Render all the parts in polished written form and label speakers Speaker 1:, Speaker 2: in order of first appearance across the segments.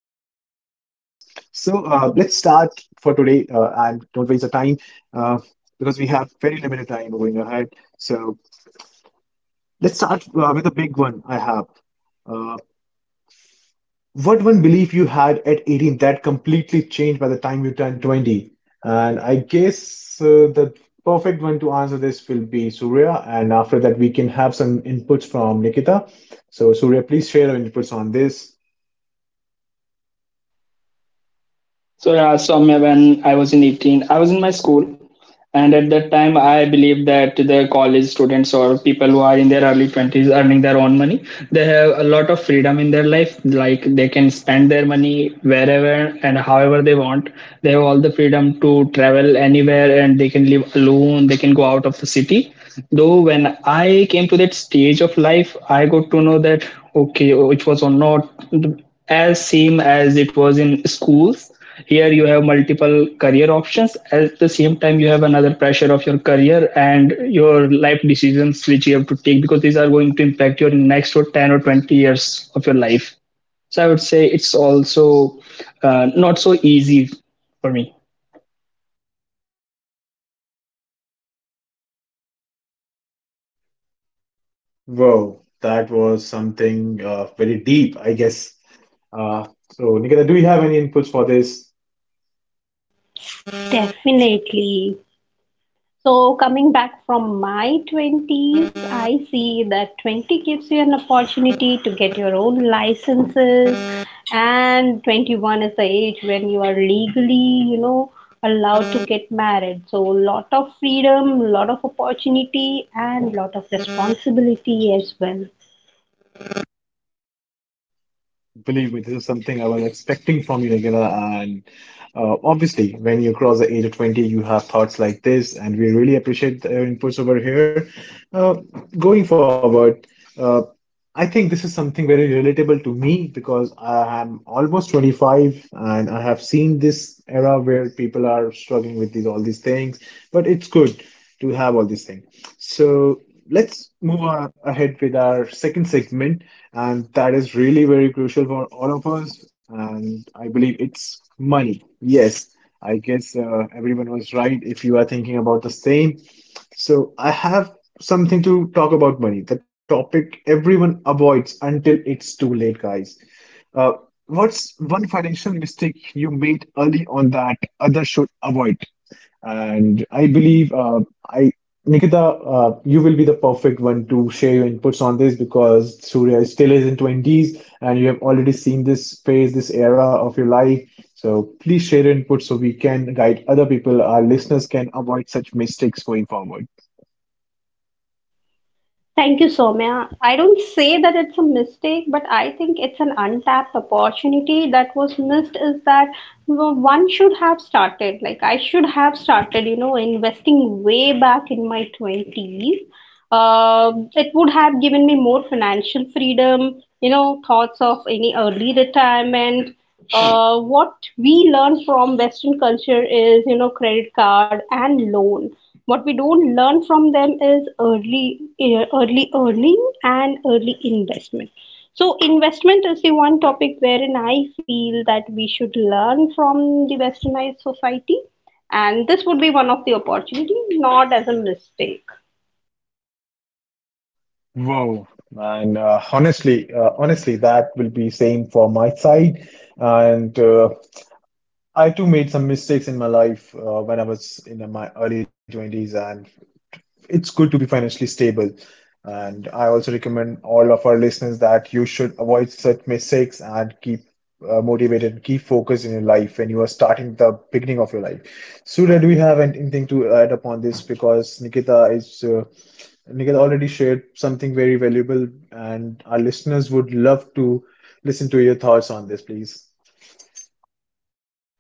Speaker 1: So let's start for today, and don't waste the time, uh, because we have very limited time going ahead. So let's start with a big one I have. Uh, what one belief you had at 18 that completely changed by the time you turned 20? And I guess the perfect one to answer this will be Surya. And after that, we can have some inputs from Nikita. So, Surya, please share your inputs on this.
Speaker 2: So yeah, Soumya, when I was in 18, I was in my school, and at that time, I believe that the college students or people who are in their early 20s earning their own money, they have a lot of freedom in their life. Like they can spend their money wherever and however they want. They have all the freedom to travel anywhere, and they can live alone. They can go out of the city. Though when I came to that stage of life, I got to know that okay, which was not as same as it was in schools. Here you have multiple career options. At the same time, you have another pressure of your career and your life decisions which you have to take because these are going to impact your next or 10 or 20 years of your life. So I would say it's also not so easy for me.
Speaker 1: Wow, that was something very deep, I guess. Uh, so, Nikita, do you have any inputs for this?
Speaker 3: Definitely. So, coming back from my 20s, I see that 20 gives you an opportunity to get your own licenses, and 21 is the age when you are legally, you know, allowed to get married. So, lot of freedom, lot of opportunity, and lot of responsibility as well.
Speaker 1: Believe me, this is something I was expecting from you, Nagina. And obviously, when you cross the age of 20, you have thoughts like this, and we really appreciate your inputs over here. Uh, going forward, uh, I think this is something very relatable to me because I am almost 25 and I have seen this era where people are struggling with these all these things, but it's good to have all these things. So let's move ahead with our second segment, and that is really very crucial for all of us, and I believe it's money. Yes, I guess everyone was right if you are thinking about the same. So I have something to talk about money, the topic everyone avoids until it's too late, guys. Uh, what's one financial mistake you made early on that others should avoid? And I believe, I Nikita, you will be the perfect one to share your inputs on this because Surya is still is in 20s and you have already seen this phase, this era of your life. So please share your input so we can guide other people, our listeners can avoid such mistakes going forward.
Speaker 3: Thank you, Soumya. I don't say that it's a mistake, but I think it's an untapped opportunity that was missed is that one should have started. Like, I should have started, you know, investing way back in my 20s. It would have given me more financial freedom, you know, thoughts of any early retirement. What we learn from Western culture is, you know, credit card and loan. What we don't learn from them is early earning and early investment. So investment is the one topic wherein I feel that we should learn from the westernized society, and this would be one of the opportunity, not as a mistake.
Speaker 1: Wow. And honestly, that will be same for my side. And I too made some mistakes in my life when I was in my early 20s, and it's good to be financially stable. And I also recommend all of our listeners that you should avoid such mistakes and keep motivated, keep focused in your life when you are starting the beginning of your life. Surya, do we have anything to add upon this? Because Nikita already shared something very valuable, and our listeners would love to listen to your thoughts on this, please.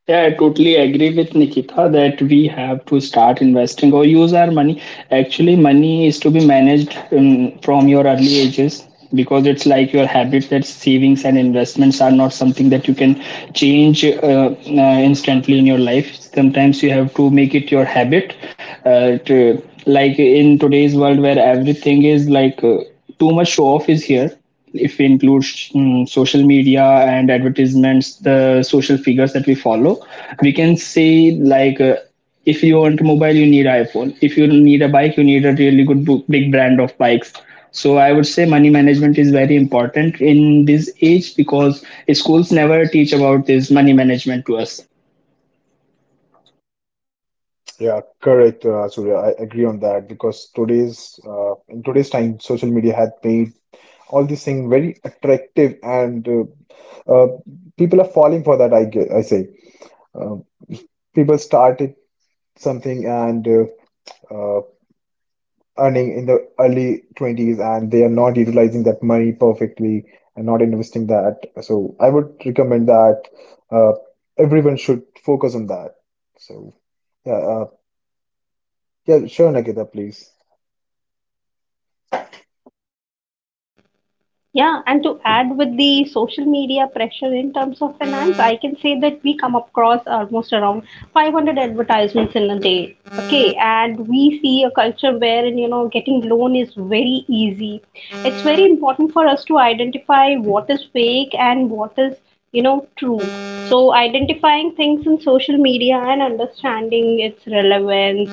Speaker 2: Yeah, I totally agree with Nikita that we have to start investing or use our money. Actually, money is to be managed from your early ages because it's like your habit that savings and investments are not something that you can change instantly in your life. Sometimes you have to make it your habit. Like in today's world where everything is like too much show off is here if we include social media and advertisements, the social figures that we follow, we can say like, if you want mobile, you need iPhone. If you need a bike, you need a really good big brand of bikes. So I would say money management is very important in this age because schools never teach about this money management to us.
Speaker 1: Yeah, correct, Surya. I agree on that because today's in today's time, social media had made all these things very attractive, and uh, people are falling for that, I guess, I say. Um People started something, and uh, earning in the early 20s, and they are not utilizing that money perfectly and not investing that. So I would recommend that uh, everyone should focus on that. So yeah uh, yeah, sure, Nikita, please.
Speaker 3: Yeah, and to add with the social media pressure in terms of finance, I can say that we come across almost around 500 advertisements in a day. Okay, and we see a culture wherein, you know, getting loan is very easy. It's very important for us to identify what is fake and what is, you know, true. So identifying things in social media and understanding its relevance,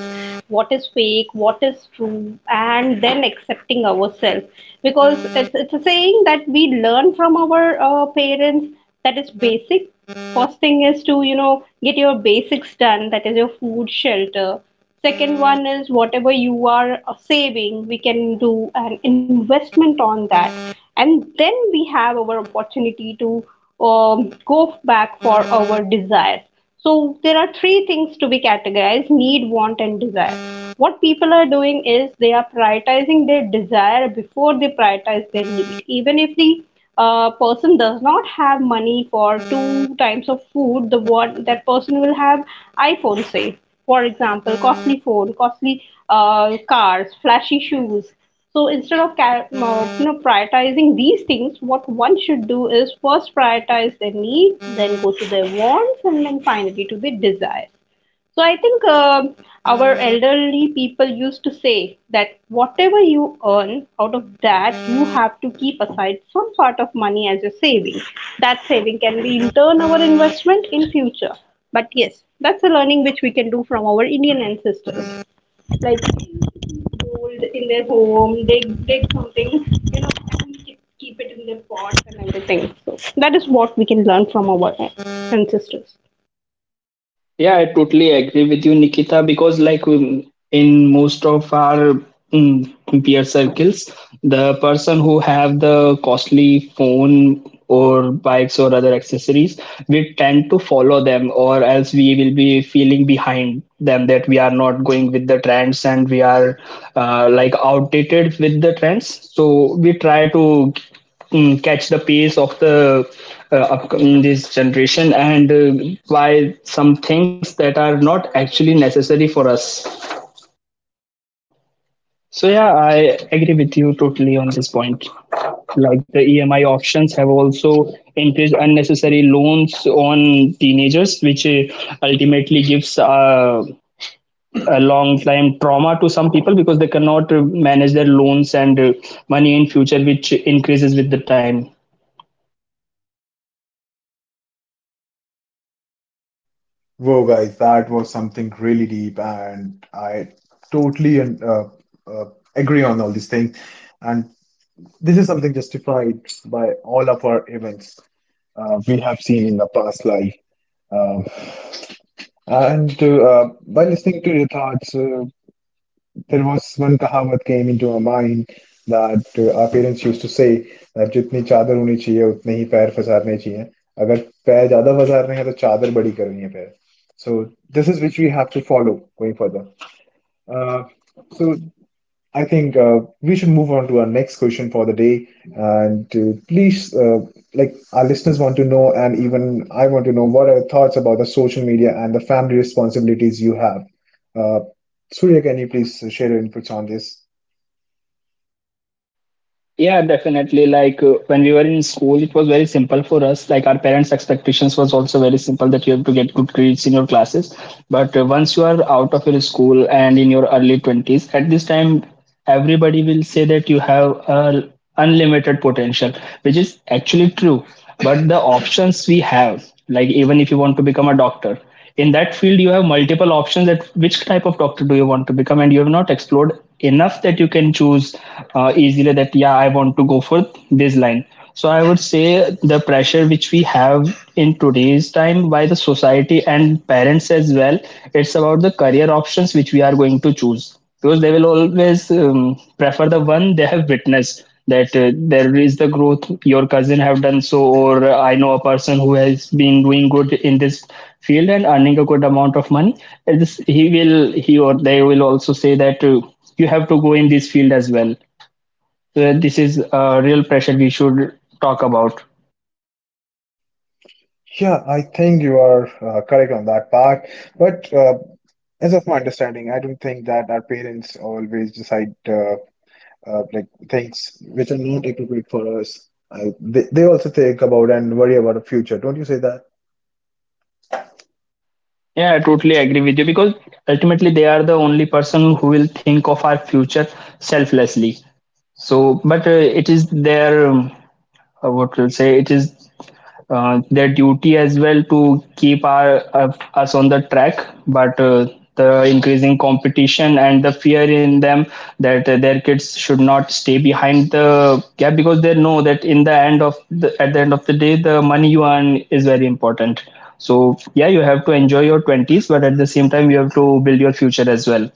Speaker 3: what is fake, what is true, and then accepting ourselves, because it's a saying that we learn from our parents. That is basic. First thing is to, you know, get your basics done, that is your food, shelter. Second one is whatever you are saving, we can do an investment on that. And then we have our opportunity to go back for our desires. So there are three things to be categorized: need, want, and desire. What people are doing is they are prioritizing their desire before they prioritize their need. Even if the person does not have money for two times of food, the one that person will have iPhone, say, for example, costly phone, costly cars, flashy shoes. So instead of you know, prioritizing these things, what one should do is first prioritize their needs, then go to their wants, and then finally to their desires. So I think our elderly people used to say that whatever you earn, out of that, you have to keep aside some sort of money as your saving. That saving can be in turn our investment in future. But yes, that's a learning which we can do from our Indian ancestors. Like gold in their home, they dig something, you know, and keep it in their pots and everything. So that is what we can learn from our ancestors.
Speaker 2: Yeah, I totally agree with you, Nikita, because like, in most of our peer circles, the person who have the costly phone or bikes or other accessories, we tend to follow them or else we will be feeling behind them that we are not going with the trends and we are like outdated with the trends. So we try to, catch the pace of the upcoming this generation and buy some things that are not actually necessary for us. So yeah, I agree with you totally on this point. Like the EMI options have also increased unnecessary loans on teenagers, which ultimately gives a long time trauma to some people because they cannot manage their loans and money in future which increases with the time.
Speaker 1: Whoa, guys, that was something really deep, and I totally and uh, agree on all these things. And this is something justified by all of our events we have seen in the past life. Um, and By listening to your thoughts, there was one कहावत came into my mind that our parents used to say, that जितनी चादर होनी चाहिए उतने ही पैर पसारने चाहिए, अगर पैर ज्यादा पसारने हैं तो चादर बड़ी करनी है पैर, so this is which we have to follow going further. I think we should move on to our next question for the day. And to please, like our listeners want to know, and even I want to know, what are your thoughts about the social media and the family responsibilities you have? Uh, Surya, can you please share your inputs on this?
Speaker 2: Yeah, definitely. Like when we were in school, it was very simple for us. Like our parents' expectations was also very simple that you have to get good grades in your classes. But once you are out of your school and in your early 20s, at this time, everybody will say that you have unlimited potential, which is actually true. But the options we have, like even if you want to become a doctor, in that field you have multiple options, that which type of doctor do you want to become, and you have not explored enough that you can choose easily that yeah, I want to go for this line. So I would say the pressure which we have in today's time by the society and parents as well, it's about the career options which we are going to choose, because they will always prefer the one they have witnessed, that there is the growth your cousin have done so, or I know a person who has been doing good in this field and earning a good amount of money. And this, he or they will also say that you have to go in this field as well. So this is a real pressure we should talk about.
Speaker 1: Yeah, I think you are correct on that part. But as of my understanding, I don't think that our parents always decide like things which are not appropriate for us. They also think about and worry about the future. Don't you say that?
Speaker 2: Yeah, I totally agree with you, because ultimately they are the only person who will think of our future selflessly. So, but it is their what we'll say, it is their duty as well to keep our us on the track. But the increasing competition and the fear in them, that their kids should not stay behind the gap, because they know that in the end of the at the end of the day the money you earn is very important. So yeah, you have to enjoy your 20s, but at the same time you have to build your future as well.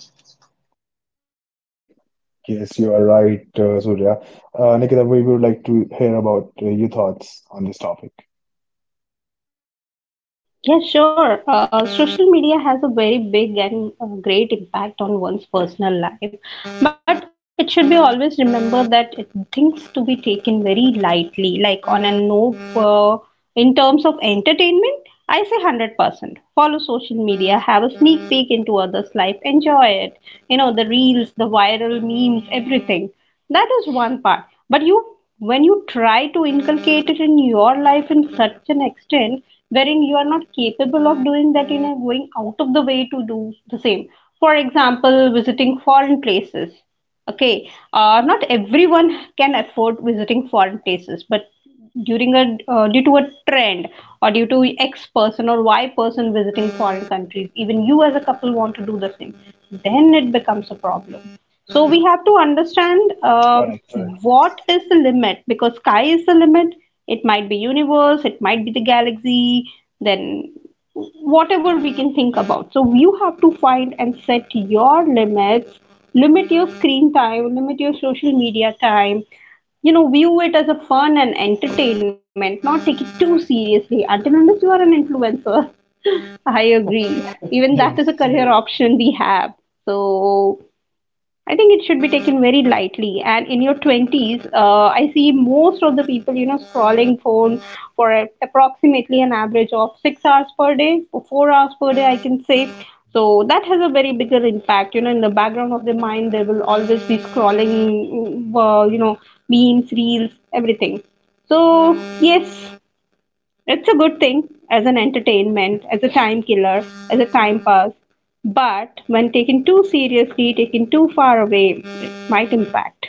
Speaker 1: Yes, you are right, Surya. Nikita, we would like to hear about your thoughts on this topic.
Speaker 3: Yes, sure. Social media has a very big and great impact on one's personal life, but it should be always remember that it, things to be taken very lightly, like on a no. In terms of entertainment, I say 100%. Follow social media, have a sneak peek into others' life, enjoy it. You know, the reels, the viral memes, everything. That is one part. But you, when you try to inculcate it in your life in such an extent wherein you are not capable of doing that, you know, going out of the way to do the same. For example, visiting foreign places. Okay, not everyone can afford visiting foreign places, but during a due to a trend or due to X person or Y person visiting foreign countries, even you as a couple want to do the same, then it becomes a problem. So we have to understand
Speaker 1: Correct.
Speaker 3: what is the limit, because sky is the limit. It might be universe, it might be the galaxy. Then whatever we can think about. So you have to find and set your limits, limit your screen time, limit your social media time. You know, view it as a fun and entertainment, not take it too seriously until unless you are an influencer. I agree. Even that is a career
Speaker 1: Yes.
Speaker 3: option we have. So I think it should be taken very lightly. And in your 20s, I see most of the people, you know, scrolling phone for a, approximately an average of 6 hours per day or 4 hours per day, I can say. So that has a very bigger impact. You know, in the background of the mind, there will always be scrolling, you know, memes, reels, everything. So yes, it's a good thing as an entertainment, as a time killer, as a time pass. But when taken too seriously, taken too far away, it might impact.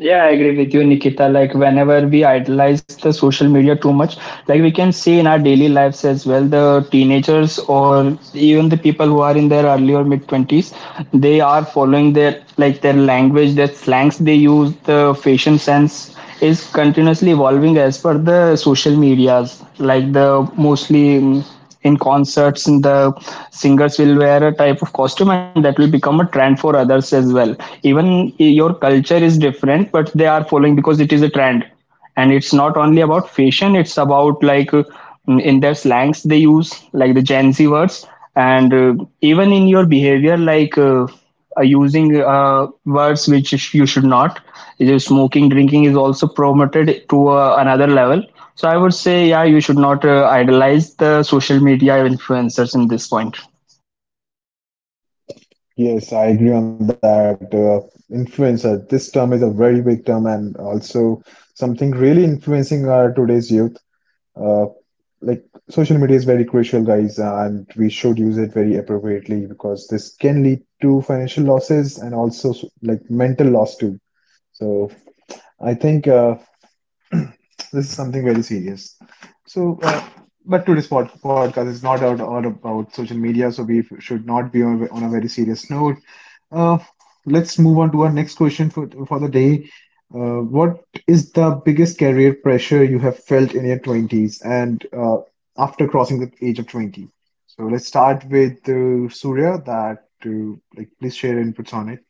Speaker 2: Yeah, I agree with you, Nikita. Like, whenever we idolize the social media too much, like we can see in our daily lives as well, the teenagers or even the people who are in their early or mid 20s, they are following their like their language, their slangs they use, the fashion sense is continuously evolving as per the social medias, like the mostly in concerts and the singers will wear a type of costume and that will become a trend for others as well. Even your culture is different but they are following because it is a trend. And it's not only about fashion, it's about like, in their slangs they use like the gen Z words, and even in your behavior like using words which you should not. Smoking, drinking is also promoted to another level. So I would say, yeah, you should not idolize the social media influencers in this point.
Speaker 1: Yes, I agree on that. Influencer, this term is a very big term and also something really influencing our today's youth. Uh, like, social media is very crucial, guys, and we should use it very appropriately because this can lead to financial losses and also like mental loss too. So I think this is something very serious. So, but today's podcast is not out all about social media, so we should not be on a very serious note. Uh, let's move on to our next question for the day. What is the biggest career pressure you have felt in your 20s, and after crossing the age of 20? So let's start with Surya, that like please share inputs on it.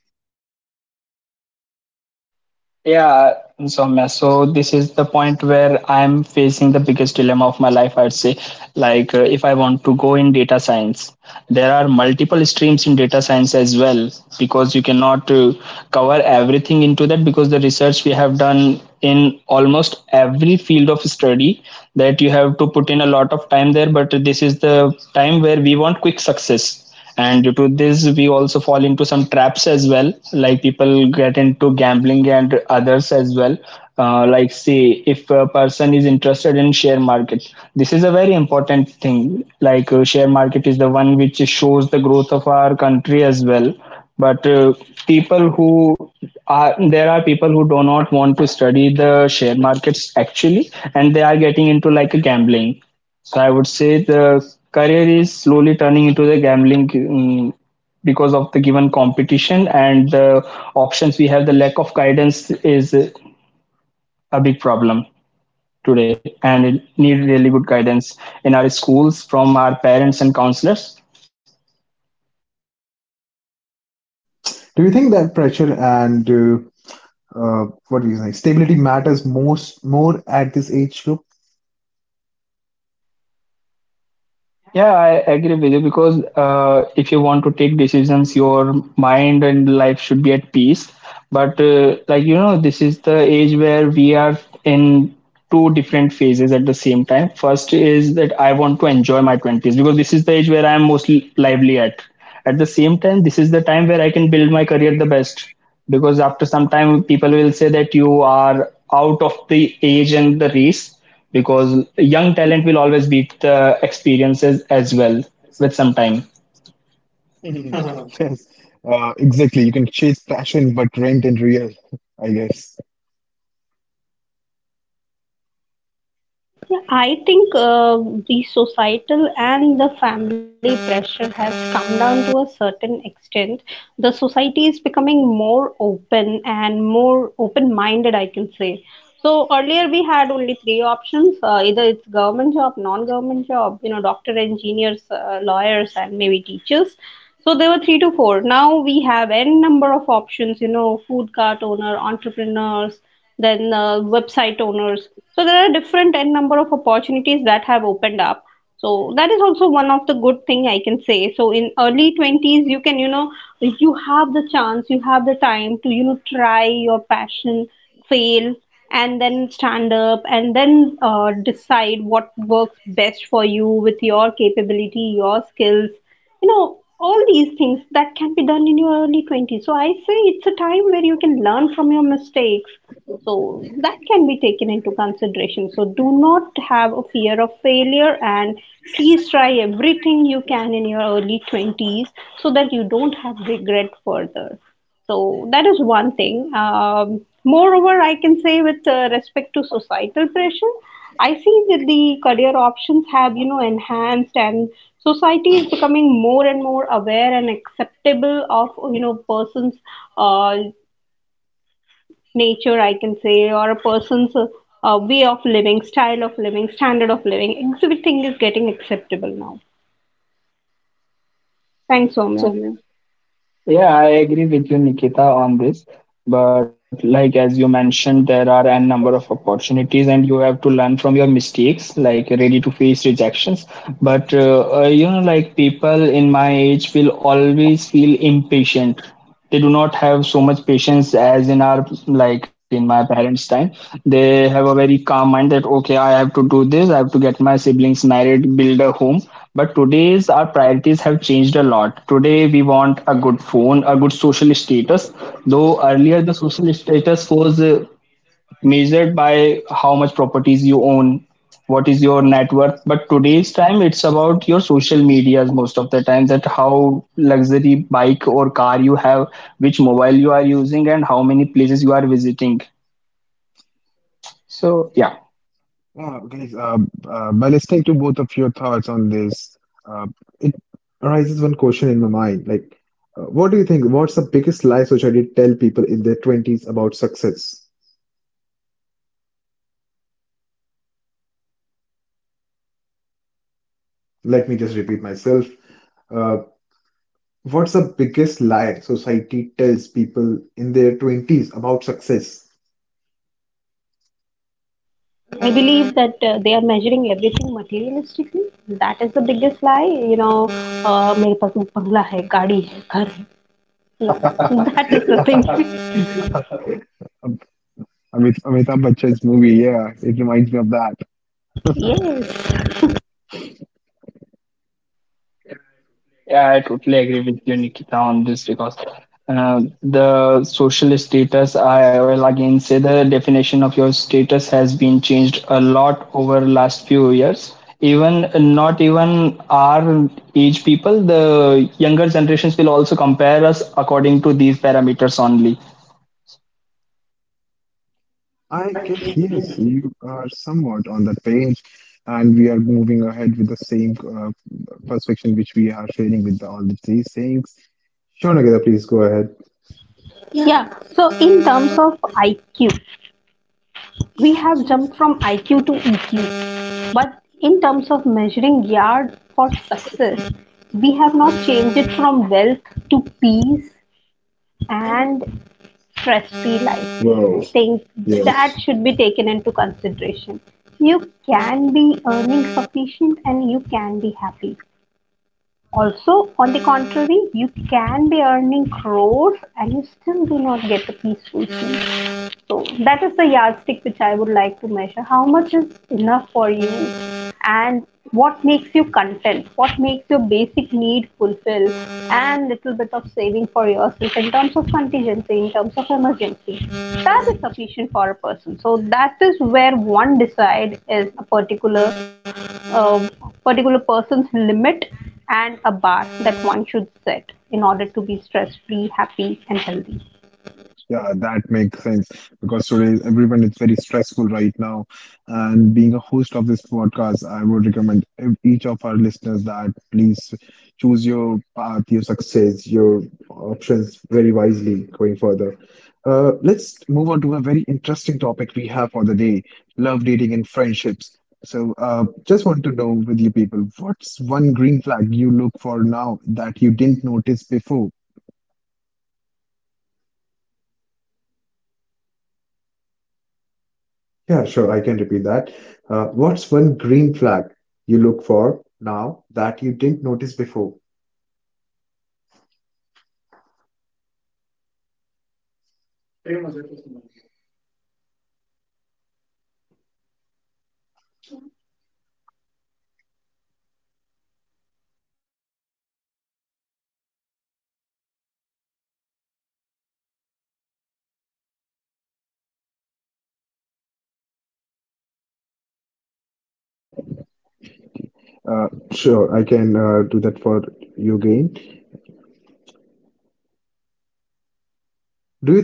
Speaker 2: Yeah, Soumya. So this is the point where I'm facing the biggest dilemma of my life, I'd say. Like, if I want to go in data science, there are multiple streams in data science as well, because you cannot cover everything into that, because the research we have done in almost every field of study, that you have to put in a lot of time there, but this is the time where we want quick success, and due to this we also fall into some traps as well, like people get into gambling and others as well. Like say if a person is interested in share market, this is a very important thing, like share market is the one which shows the growth of our country as well. But people who are people who do not want to study the share markets actually, and they are getting into like a gambling. So I would say the career is slowly turning into the gambling, because of the given competition and the options we have. The lack of guidance is a big problem today, and it need really good guidance in our schools from our parents and counselors.
Speaker 1: Do you think that pressure and what do you say, stability matters most more at this age group?
Speaker 2: Yeah, I agree with you, because if you want to take decisions, your mind and life should be at peace. But like you know, this is the age where we are in two different phases at the same time. First is that I want to enjoy my 20s because this is the age where I am mostly lively at. At the same time, this is the time where I can build my career the best, because after some time, people will say that you are out of the age and the race, because young talent will always beat the experiences as well with some time.
Speaker 1: Mhm. Yes, exactly. You can chase passion, but rent and real, I guess.
Speaker 3: I think the societal and the family pressure has come down to a certain extent. The society is becoming more open and more open minded, I can say. So earlier we had only three options, either it's government job, non government job, you know, doctor, engineers, lawyers, and maybe teachers. So there were three to four. Now we have n number of options, you know, food cart owner, entrepreneurs, then website owners. So there are different n number of opportunities that have opened up. So that is also one of the good thing I can say. So in early 20s, you can, you know, you have the chance, you have the time to, you know, try your passion, fail, and then stand up and then decide what works best for you with your capability, your skills, you know, all these things that can be done in your early 20s. So I say it's a time where you can learn from your mistakes, so that can be taken into consideration. So do not have a fear of failure, and please try everything you can in your early 20s, so that you don't have regret further. So that is one thing. Moreover, I can say with respect to societal pressure, I see that the career options have, you know, enhanced, and society is becoming more and more aware and acceptable of, you know, person's uh, nature, I can say, or a person's way of living, style of living, standard of living. Everything is getting acceptable now. Thanks, Soumya.
Speaker 2: Yeah, I agree with you, Nikita, on this. But like as you mentioned, there are a number of opportunities, and you have to learn from your mistakes, like ready to face rejections. But you know, like people in my age will always feel impatient. They do not have so much patience as in our, like in my parents time. They have a very calm mind that okay, I have to do this, I have to get my siblings married, build a home. But today's, our priorities have changed a lot. Today we want a good phone, a good social status. Though earlier the social status was measured by how much properties you own, what is your net worth. But today's time it's about your social medias most of the time, that how luxury bike or car you have, which mobile you are using, and how many places you are visiting. So yeah.
Speaker 1: Yeah, guys, by listening to both of your thoughts on this, uh, it arises one question in my mind. Like, what do you think? What's the biggest lie society tell people in their 20s about success? Let me just repeat myself. Uh, what's the biggest lie society tells people in their 20s about success?
Speaker 3: I believe that they are measuring everything materialistically. That is the biggest lie. You know, मेरे पास बंगला है, गाड़ी है, घर है. No, that is the thing.
Speaker 1: Amit, Amitabh Bachchan's movie, yeah, it reminds me of that.
Speaker 3: Yes.
Speaker 2: Yeah, I totally agree with you, Nikita, on this, because the social status, I will again say the definition of your status has been changed a lot over last few years. Even not even our age people, the younger generations will also compare us according to these parameters only.
Speaker 1: I guess, yes, you are somewhat on that page, and we are moving ahead with the same perspective which we are sharing with the, all the three things. Sure, Nagita, please go ahead.
Speaker 3: Yeah. So in terms of IQ, we have jumped from IQ to EQ, but in terms of measuring yard for success, we have not changed it from wealth to peace and stress-free life. I think that
Speaker 1: Yes.
Speaker 3: should be taken into consideration. You can be earning sufficient and you can be happy. Also, on the contrary, you can be earning crores and you still do not get a peaceful sleep. So that is the yardstick which I would like to measure. How much is enough for you, and what makes you content? What makes your basic need fulfilled, and little bit of saving for yourself in terms of contingency, in terms of emergency. That is sufficient for a person. So that is where one decide is a particular uh, particular person's limit and a bar that one should set in order to be stress free, happy and healthy.
Speaker 1: Yeah, that makes sense because today everyone is very stressful right now. And being a host of this podcast, I would recommend each of our listeners that please choose your path, your success, your options very wisely going further. Let's move on to a very interesting topic we have for the day: love, dating, and friendships. So, just want to know with you people, what's one green flag you look for now that you didn't notice before? Yeah, sure, I can repeat that. What's one green flag you look for now that you didn't notice before? Sure, I can do that for you again.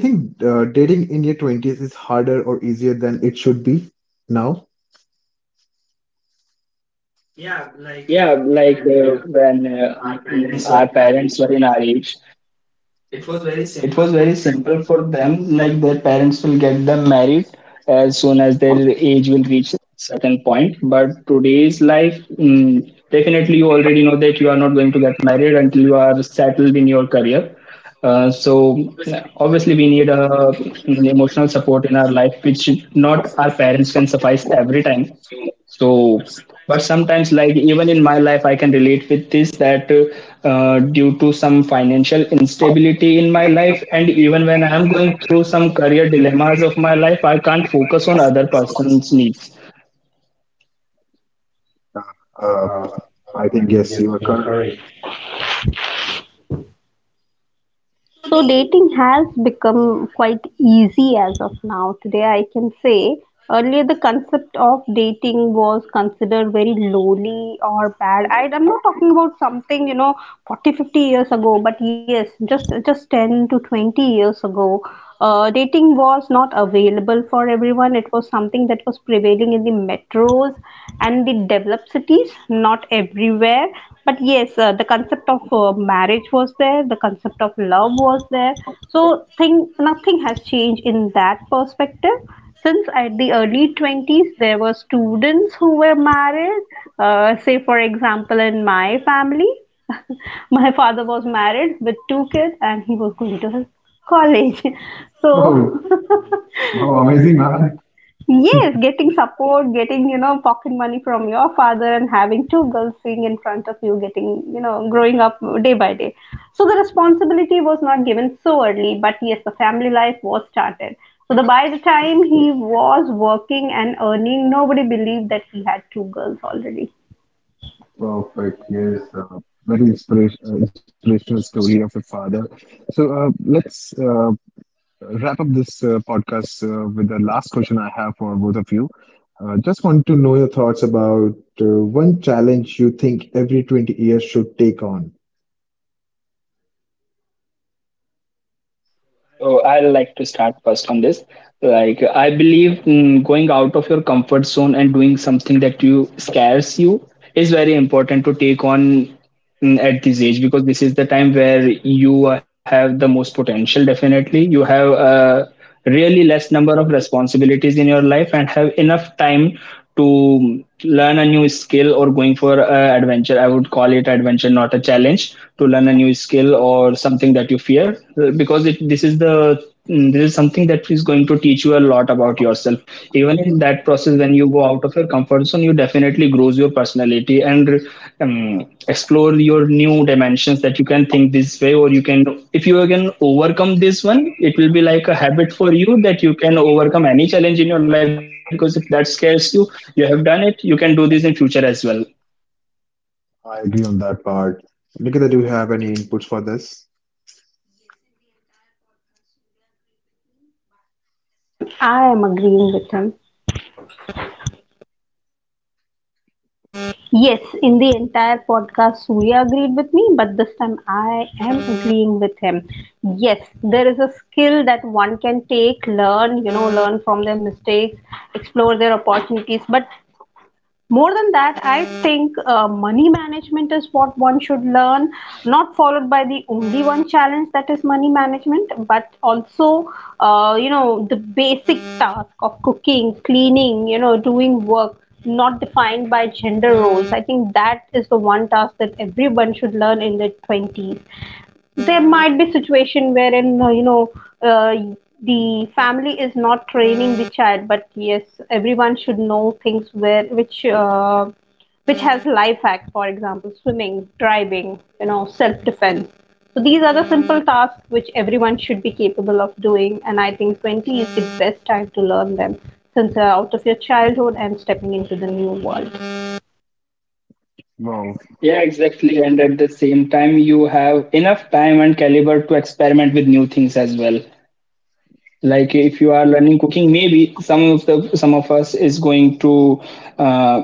Speaker 1: Do you think dating in your 20s is harder or easier than it should be now?
Speaker 2: Yeah, like our parents were in our age, it was very simple for them, like their parents will get them married as soon as their age will reach a certain point. But today's life, definitely you already know that you are not going to get married until you are settled in your career. Uh, so Obviously we need a emotional support in our life, which not our parents can suffice every time. So but sometimes like even in my life I can relate with this, that due to some financial instability in my life, and even when I am going through some career dilemmas of my life, I can't focus on other person's needs.
Speaker 1: Uh, I think yes, you are correct.
Speaker 3: So dating has become quite easy as of now. Today, I can say earlier the concept of dating was considered very lowly or bad. I'm not talking about something, you know, 40, 50 years ago, but yes, just 10 to 20 years ago. Dating was not available for everyone. It was something that was prevailing in the metros and the developed cities, not everywhere. But yes, the concept of marriage was there, the concept of love was there. So, thing, nothing has changed in that perspective. Since at the early 20s, there were students who were married. Say, for example, in my family, my father was married with two kids and he was going to his college.
Speaker 1: Wow!
Speaker 3: So,
Speaker 1: Wow, amazing, man.
Speaker 3: yes, getting support, getting, you know, pocket money from your father and having two girls sitting in front of you, getting, you know, growing up day by day. So, the responsibility was not given so early, but yes, the family life was started. So, the, by the time he was working and earning, nobody believed that he had two girls already.
Speaker 1: Perfect. Yes, inspirational story of a father. So let's wrap up this podcast with the last question I have for both of you. Just want to know your thoughts about one challenge you think every 20 years should take on.
Speaker 2: So I like to start first on this. Like I believe, going out of your comfort zone and doing something that you scares you is very important to take on at this age, because this is the time where you have the most potential. Definitely, you have really less number of responsibilities in your life and have enough time to learn a new skill or going for a adventure. I would call it adventure, not a challenge, to learn a new skill or something that you fear, this is the, this is something that is going to teach you a lot about yourself. Even in that process when you go out of your comfort zone, you definitely grows your personality and explore your new dimensions, that you can think this way or you can, if you can overcome this one, it will be like a habit for you, that you can overcome any challenge in your life, because if that scares you, you have done it, you can do this in future as well.
Speaker 1: I agree on that part. Nikita, do you have any inputs for this?
Speaker 3: Yes, in the entire podcast, Surya agreed with me, but this time I am agreeing with him. Yes, in the entire podcast, Surya agreed with me, but this time I am agreeing with him. Yes, there is a skill that one can take, learn, you know, learn from their mistakes, explore their opportunities, but more than that, I think money management is what one should learn, not followed by the only one challenge that is money management, but also, you know, the basic task of cooking, cleaning, you know, doing work, not defined by gender roles. I think that is the one task that everyone should learn in their 20s. There might be situation wherein, you know, uh, the family is not training the child, but yes, everyone should know things where which, which has life hack, for example, swimming, driving, you know, self defense. So these are the simple tasks which everyone should be capable of doing, and I think 20 is the best time to learn them, since you're out of your childhood and stepping into the new world.
Speaker 1: Wow.
Speaker 2: Yeah, exactly, and at the same time you have enough time and caliber to experiment with new things as well. Like if you are learning cooking, maybe some of us is going to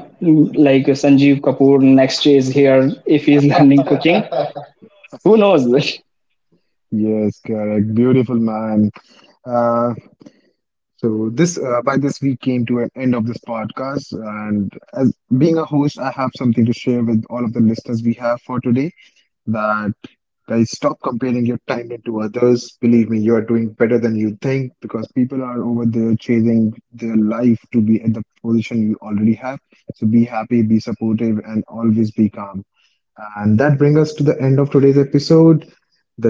Speaker 2: like Sanjeev Kapoor next is here if he's learning cooking. who knows.
Speaker 1: Yes, correct. Beautiful, man. Uh, so this By this we came to an end of this podcast, and as being a host, I have something to share with all of the listeners we have for today. That Guys, stop comparing your time into others. Believe me, you are doing better than you think, because people are over there chasing their life to be at the position you already have. So be happy, be supportive, and always be calm. And that brings us to the end of today's episode.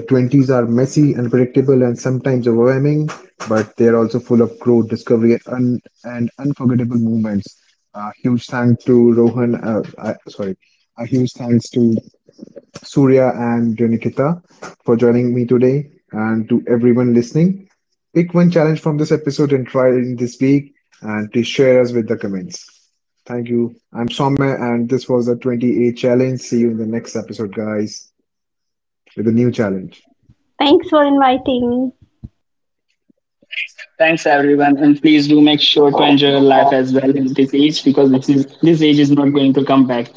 Speaker 1: The 20s are messy, unpredictable, and sometimes overwhelming, but they're also full of growth, discovery, and, and unforgettable moments. A huge thank to Rohan, sorry, a huge thanks to Surya and Nikita for joining me today. And to everyone listening, pick one challenge from this episode and try it this week. And please share us with the comments. Thank you. I'm Somme, and this was the 28 challenge. See you in the next episode, guys, with a new challenge.
Speaker 3: Thanks for inviting.
Speaker 2: thanks everyone, and please do make sure to enjoy your life as well in this age, because this age is not going to come back.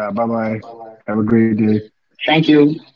Speaker 1: Yeah, bye bye. Have a great day.
Speaker 2: Thank you.